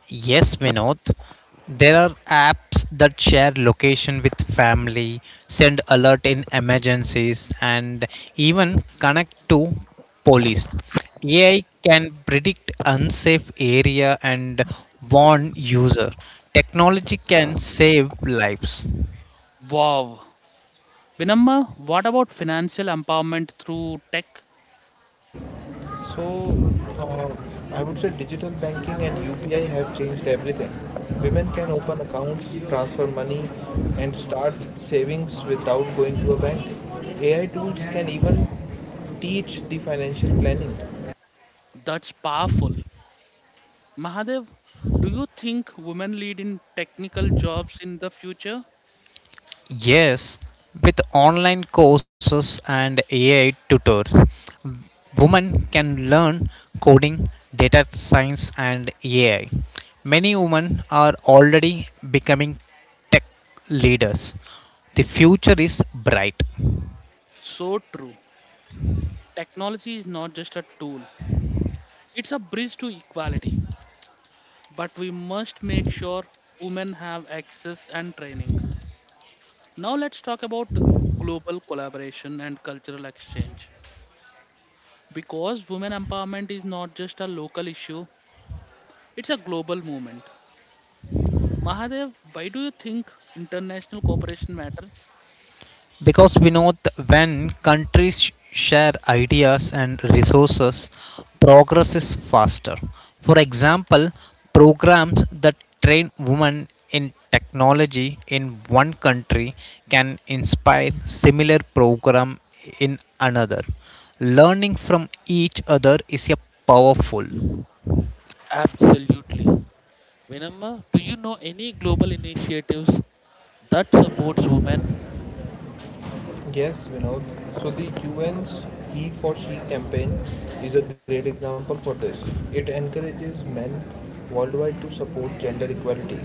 Speaker 2: Yes, Vinod. There are apps that share location with family, send alert in emergencies, and even connect to police. AI can predict unsafe area and warn user. Technology can save lives.
Speaker 1: Wow. Vinamma, what about financial empowerment through tech?
Speaker 3: So, uh, I would say digital banking and UPI have changed everything. Women can open accounts, transfer money, and start savings without going to a bank. AI tools can even teach the financial planning.
Speaker 1: That's powerful. Mahadev, do you think women lead in technical jobs in the future?
Speaker 2: Yes, with online courses and AI tutors, w- women can learn coding, data science, and AI. Many women are already becoming tech leaders. The future is bright.
Speaker 1: So true. Technology is not just a tool, it's a bridge to equality. But we must make sure women have access and training. Now, let's talk about global collaboration and cultural exchange. Because women empowerment is not just a local issue, it's a global movement. Mahadev, why do you think international cooperation matters?
Speaker 2: Because we know when countries share ideas and resources, progress is faster. For example, programs that train women in technology in one country can inspire similar program in another. Learning from each other is a powerful.
Speaker 1: Absolutely. Vinamma, do you know any global initiatives that supports women?
Speaker 3: Yes, Vinod. So, the UN's He for She campaign is a great example for this. It encourages men worldwide to support gender equality.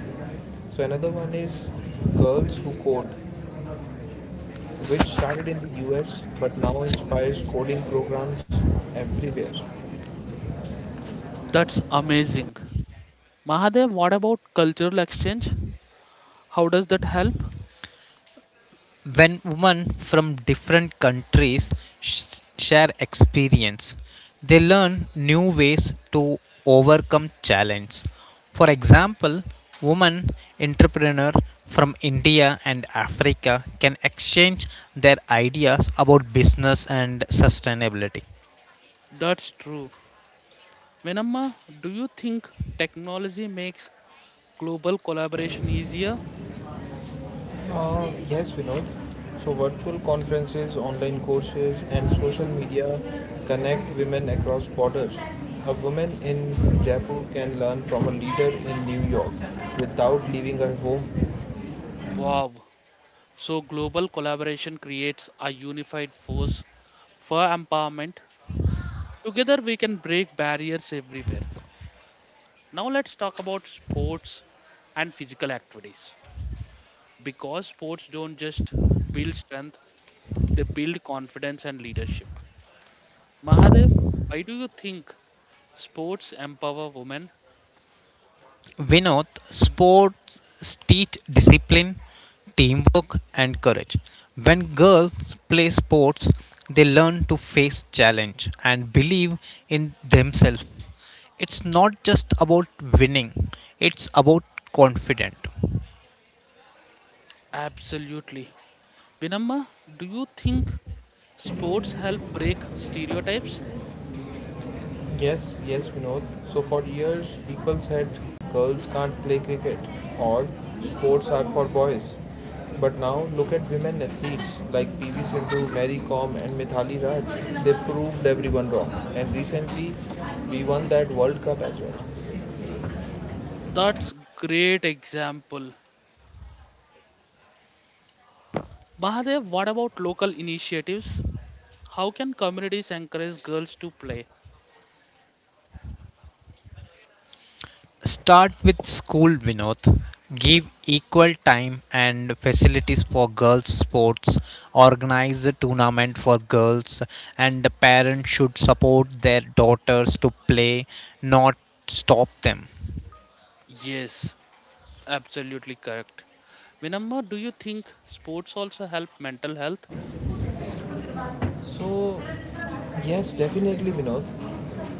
Speaker 3: So another one is girls who code, which started in the US but now inspires coding programs everywhere.
Speaker 1: That's amazing. Mahadev, what about cultural exchange? How does that help?
Speaker 2: When women from different countries share experience, they learn new ways to overcome challenge. For example, women entrepreneur from India and Africa can exchange their ideas about business and sustainability.
Speaker 1: That's true. Venamma, do you think technology makes global collaboration easier?
Speaker 3: Yes, Vinod. So, virtual conferences, online courses, and social media connect women across borders. A woman in Jaipur can learn from a leader in New York without leaving her home.
Speaker 1: Wow. So, global collaboration creates a unified force for empowerment. Together, we can break barriers everywhere. Now, let's talk about sports and physical activities. Because sports don't just build strength, they build confidence and leadership. Mahadev, why do you think sports empower women?
Speaker 2: Vinod, sports teach discipline, teamwork, and courage. When girls play sports, they learn to face challenge and believe in themselves. It's not just about winning, it's about confident.
Speaker 1: Absolutely. Vinamma, do you think sports help break stereotypes?
Speaker 3: Yes, yes, Vinod. So for years, people said girls can't play cricket or sports are for boys. But now look at women athletes like PV Sindhu, Mary Kom, and Mithali Raj. They proved everyone wrong. And recently, we won that World Cup as well.
Speaker 1: That's great example. Mahadev, what about local initiatives? How can communities encourage girls to play?
Speaker 2: Start with school, Vinod. Give equal time and facilities for girls' sports. Organize a tournament for girls, and the parents should support their daughters to play, not stop them.
Speaker 1: Yes, absolutely correct. Vinamma, do you think sports also help mental health?
Speaker 3: So, yes, definitely, Vinod.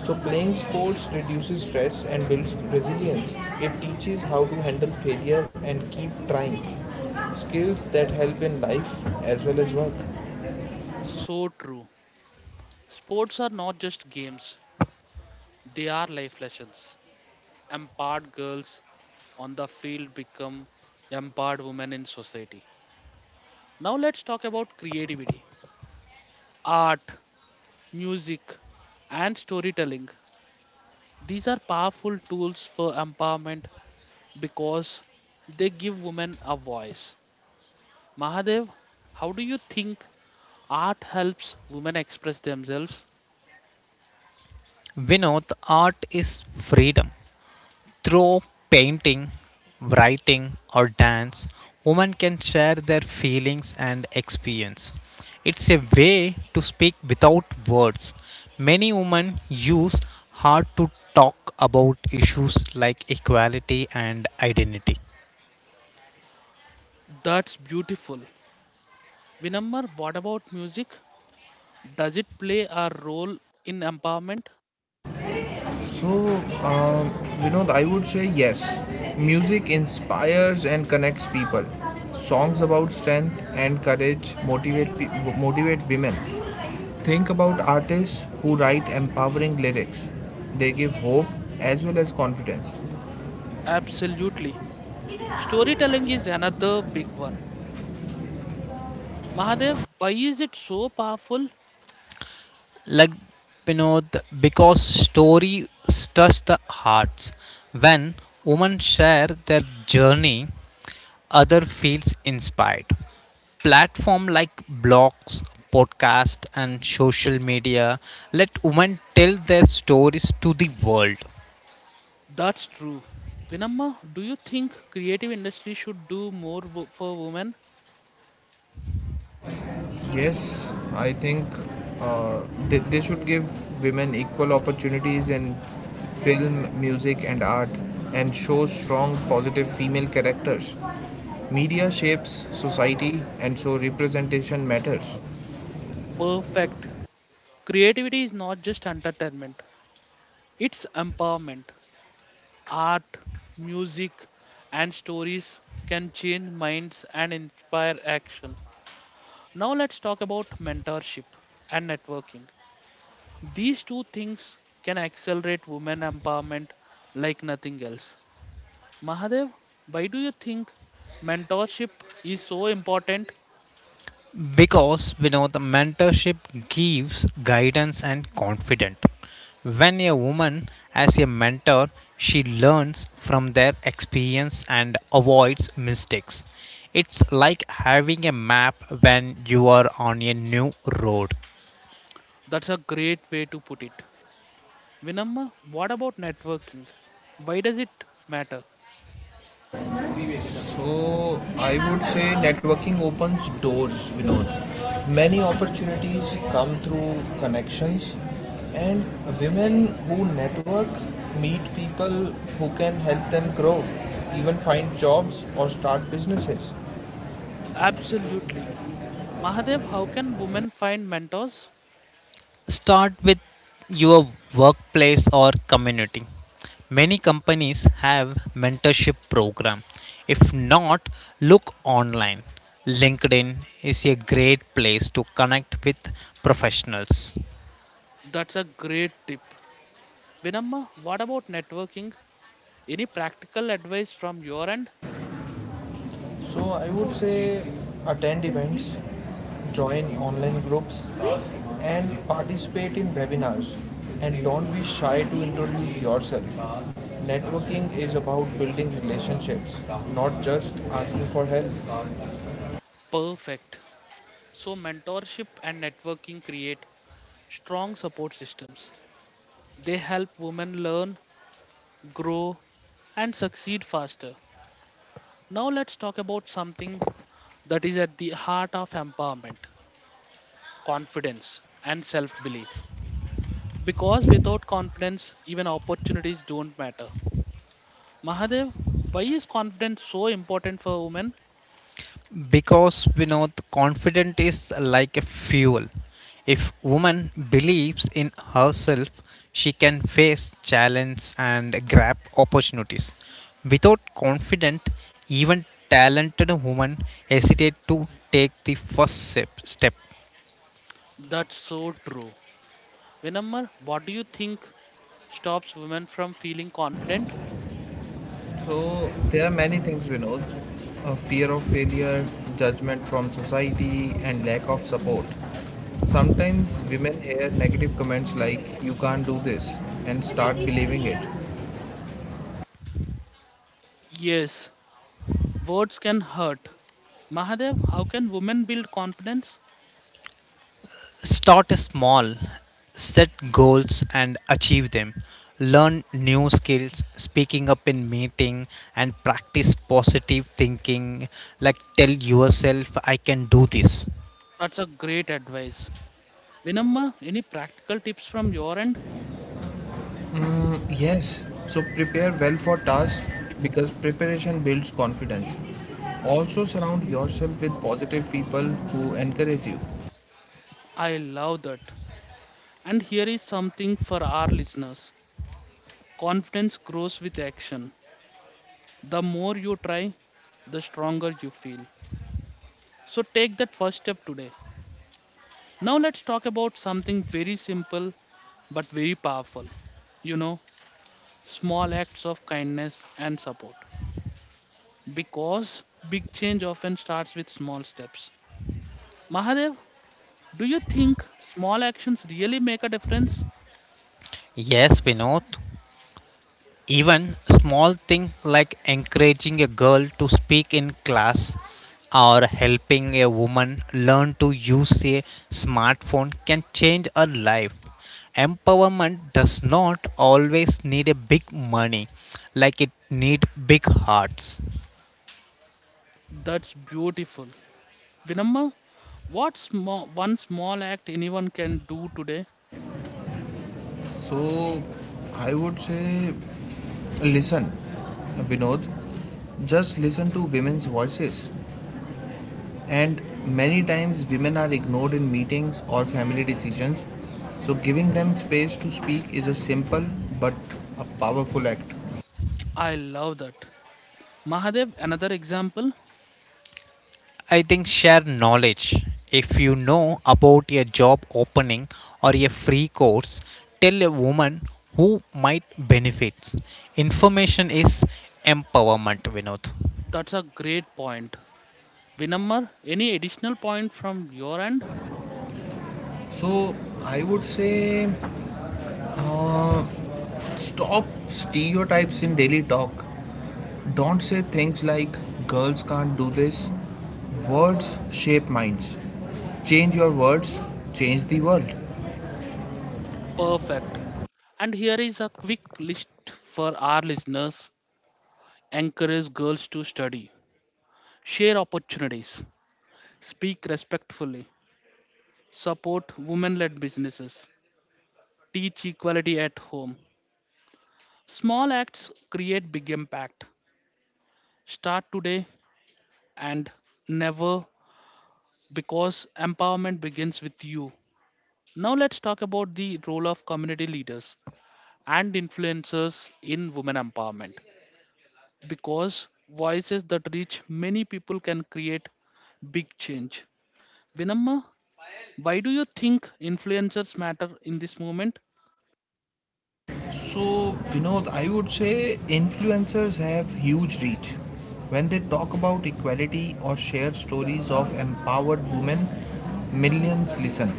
Speaker 3: So, playing sports reduces stress and builds resilience. It teaches how to handle failure and keep trying. Skills that help in life as well as work.
Speaker 1: So true. Sports are not just games, they are life lessons. Empowered girls on the field become empowered women in society. Now let's talk about creativity, art, music, and storytelling. These are powerful tools for empowerment, because they give women a voice. Mahadev, how do you think art helps women express themselves?
Speaker 2: Vinod, art is freedom. Through painting, writing, or dance, women can share their feelings and experience. It's a way to speak without words. Many women use art to talk about issues like equality and identity.
Speaker 1: That's beautiful. Vinamar, what about music? Does it play a role in empowerment?
Speaker 3: So, um, Vinod, I would say yes. Music inspires and connects people. Songs about strength and courage motivate women. Think about artists who write empowering lyrics. They give hope as well as confidence.
Speaker 1: Absolutely. Storytelling is another big one. Mahadev, why is it so powerful?
Speaker 2: Like Pinod, because stories touch the hearts. When women share their journey, other feels inspired. Platform like blogs, podcasts, and social media let women tell their stories to the world.
Speaker 1: That's true. Vinamma, do you think creative industry should do more for women?
Speaker 3: Yes, I think uh, they should give women equal opportunities in film, music, and art and show strong, positive female characters. Media shapes society, and so representation matters.
Speaker 1: Perfect. Creativity is not just entertainment. It's empowerment. Art, music, and stories can change minds and inspire action. Now let's talk about mentorship and networking. These two things can accelerate women empowerment like nothing else. Mahadev, why do you think mentorship is so important?
Speaker 2: Because we know the mentorship gives guidance and confidence. When a woman has a mentor, she learns from their experience and avoids mistakes. It's like having a map when you are on a new road.
Speaker 1: That's a great way to put it. Vinamma, what about networking? Why does it matter?
Speaker 3: So I would say networking opens doors, Vinod. Many opportunities come through connections, and women who network meet people who can help them grow, even find jobs or start businesses.
Speaker 1: Absolutely. Mahadev, how can women find mentors?
Speaker 2: Start with your workplace or community. Many companies have mentorship program. If not, look online. LinkedIn is a great place to connect with professionals.
Speaker 1: That's a great tip. Vinamma, what about networking? Any practical advice from your end?
Speaker 3: So I would say attend events, join online groups, and participate in webinars. And don't be shy to introduce yourself. Networking is about building relationships, not just asking for help.
Speaker 1: Perfect. So, mentorship and networking create strong support systems. They help women learn, grow, and succeed faster. Now, let's talk about something that is at the heart of empowerment, confidence and self belief. Because without confidence, even opportunities don't matter. Mahadev, why is confidence so important for women?
Speaker 2: Because we know the confidence is like a fuel. If woman believes in herself, she can face challenge and grab opportunities. Without confidence, even talented woman hesitate to take the first step.
Speaker 1: That's so true. Vinamar, what do you think stops women from feeling confident?
Speaker 3: So there are many things we know: a fear of failure, judgment from society, and lack of support. Sometimes women hear negative comments like "you can't do this" and start believing it.
Speaker 1: Yes, words can hurt. Mahadev, how can women build confidence?
Speaker 2: Start small, set goals and achieve them. Learn new skills, speaking up in meeting and practice positive thinking like tell yourself I can do this.
Speaker 1: That's a great advice. Vinamma, any practical tips from your end?
Speaker 3: Yes, so prepare well for tasks because preparation builds confidence. Also, surround yourself with positive people who encourage you.
Speaker 1: I love that. And here is something for our listeners, confidence grows with action. The more you try, the stronger you feel. So take that first step today. Now let's talk about something very simple but very powerful. You know, small acts of kindness and support. Because big change often starts with small steps. Mahadev, do you think small actions really make a difference?
Speaker 2: Yes, Vinod. Even small thing like encouraging a girl to speak in class or helping a woman learn to use a smartphone can change her life. Empowerment does not always need a big money like it need big hearts.
Speaker 1: That's beautiful. Vinamma, what small, one small act anyone can do today?
Speaker 3: So, I would say, listen, Vinod, just listen to women's voices. And many times, women are ignored in meetings or family decisions. So, giving them space to speak is a simple but a powerful act.
Speaker 1: I love that. Mahadev, another example?
Speaker 2: I think share knowledge. If you know about a job opening or a free course, tell a woman who might benefits. Information is empowerment, Vinod.
Speaker 1: That's a great point. Vinamma, any additional point from your end?
Speaker 3: So, I would say, uh, Stop stereotypes in daily talk. Don't say things like girls can't do this. Words shape minds. Change your words, change the world.
Speaker 1: Perfect. And here is a quick list for our listeners. Encourage girls to study. Share opportunities. Speak respectfully. Support women led businesses. Teach equality at home. Small acts create big impact. Start today and never, because empowerment begins with you. Now, let's talk about the role of community leaders and influencers in women empowerment, because voices that reach many people can create big change. Vinamma, why do you think influencers matter in this movement?
Speaker 3: So, Vinod, I would say influencers have huge reach. When they talk about equality or share stories of empowered women, millions listen.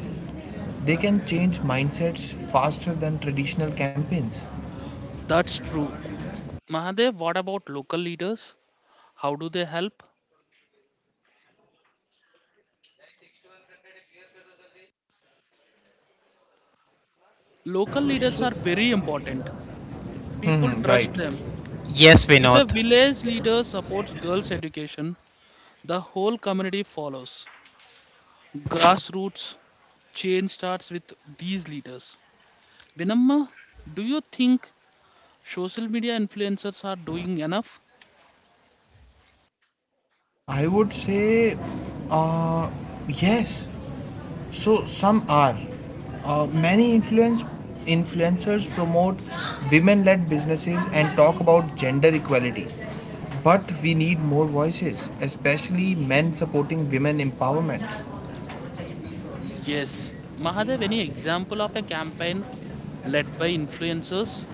Speaker 3: They can change mindsets faster than traditional campaigns.
Speaker 1: That's true. Mahadev, what about local leaders? How do they help? Local leaders
Speaker 3: So,
Speaker 1: are very important. People
Speaker 3: right.
Speaker 1: trust them.
Speaker 2: Yes,
Speaker 1: If
Speaker 2: Vinod.
Speaker 1: a village leader supports girls' education, the whole community follows. Grassroots change starts with these leaders. Vinamma, do you think social media influencers are doing enough?
Speaker 3: I would say, uh, yes. So some are. Many influencers promote women-led businesses and talk about gender equality. But we need more voices, especially men supporting women empowerment.
Speaker 1: Yes. Mahadev, any example of a campaign led by influencers?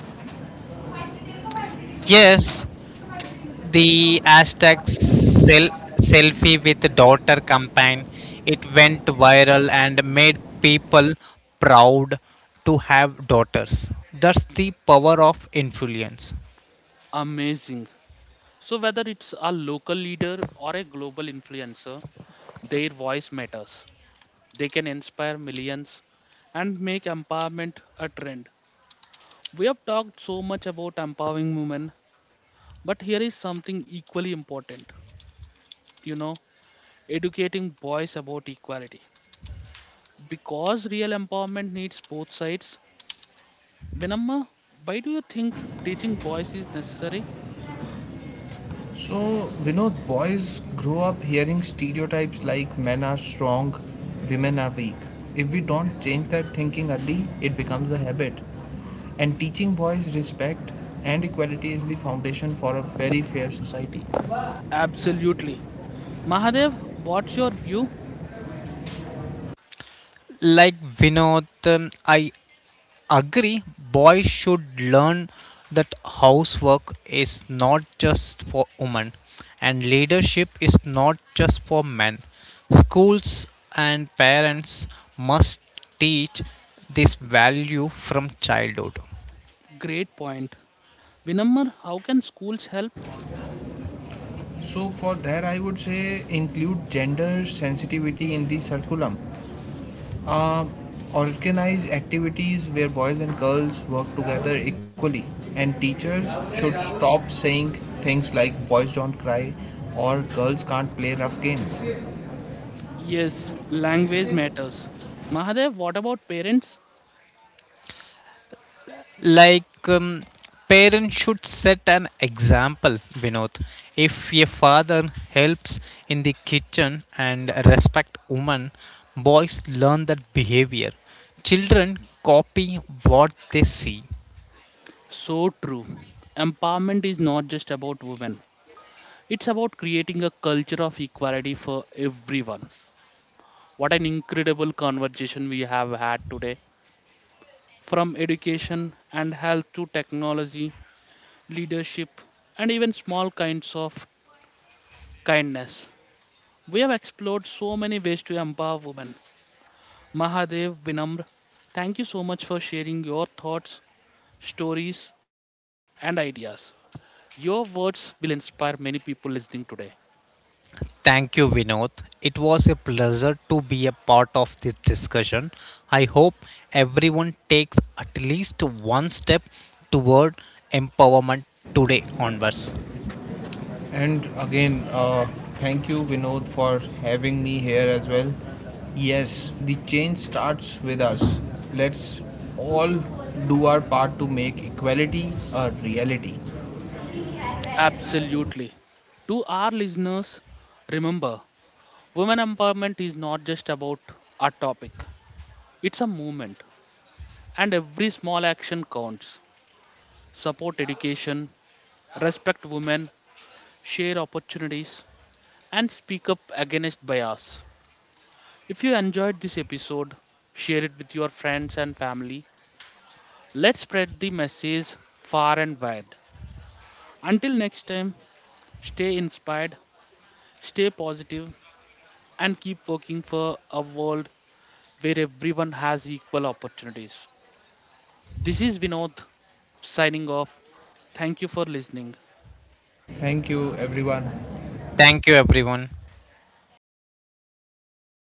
Speaker 2: Yes, the hashtag selfie with daughter campaign. It went viral and made people proud to have daughters. That's the power of influence.
Speaker 1: Amazing. So, whether it's a local leader or a global influencer, their voice matters. They can inspire millions and make empowerment a trend. We have talked so much about empowering women, but here is something equally important, you know, educating boys about equality. Because real empowerment needs both sides. Vinamma, why do you think teaching boys is necessary?
Speaker 3: So, Vinod, boys grow up hearing stereotypes like men are strong, women are weak. If we don't change that thinking early, it becomes a habit. And teaching boys respect and equality is the foundation for a very fair society.
Speaker 1: Absolutely. Mahadev, what's your view?
Speaker 2: Like Vinod, I agree. Boys should learn that housework is not just for women, and leadership is not just for men. Schools and parents must teach this value from childhood.
Speaker 1: Great point. Vinamma, how can schools help?
Speaker 3: So, for that, I would say include gender sensitivity in the curriculum. Um, organize activities where boys and girls work together equally, and teachers should stop saying things like boys don't cry or girls can't play rough games.
Speaker 1: Yes, language matters. Mahadev, what about parents?
Speaker 2: Like parents should set an example, Vinod. If a father helps in the kitchen and respect women, boys learn that behavior. Children copy what they see.
Speaker 1: So true. Empowerment is not just about women, it's about creating a culture of equality for everyone. What an incredible conversation we have had today. From education and health to technology, leadership, and even small kinds of kindness. We have explored so many ways to empower women. Mahadev, Vinamr, thank you so much for sharing your thoughts, stories, and ideas. Your words will inspire many people listening today.
Speaker 2: Thank you, Vinod. It was a pleasure to be a part of this discussion. I hope everyone takes at least one step toward empowerment today onwards.
Speaker 3: And again, thank you, Vinod, for having me here as well. Yes, the change starts with us. Let's all do our part to make equality a reality.
Speaker 1: Absolutely. To our listeners, remember, women empowerment is not just about a topic, it's a movement, and every small action counts. Support education, respect women, share opportunities, and speak up against bias. If you enjoyed this episode, share it with your friends and family. Let's spread the message far and wide. Until next time, stay inspired, stay positive, and keep working for a world where everyone has equal opportunities. This is Vinod signing off. Thank you for listening.
Speaker 3: Thank you, everyone.
Speaker 2: Thank you, everyone.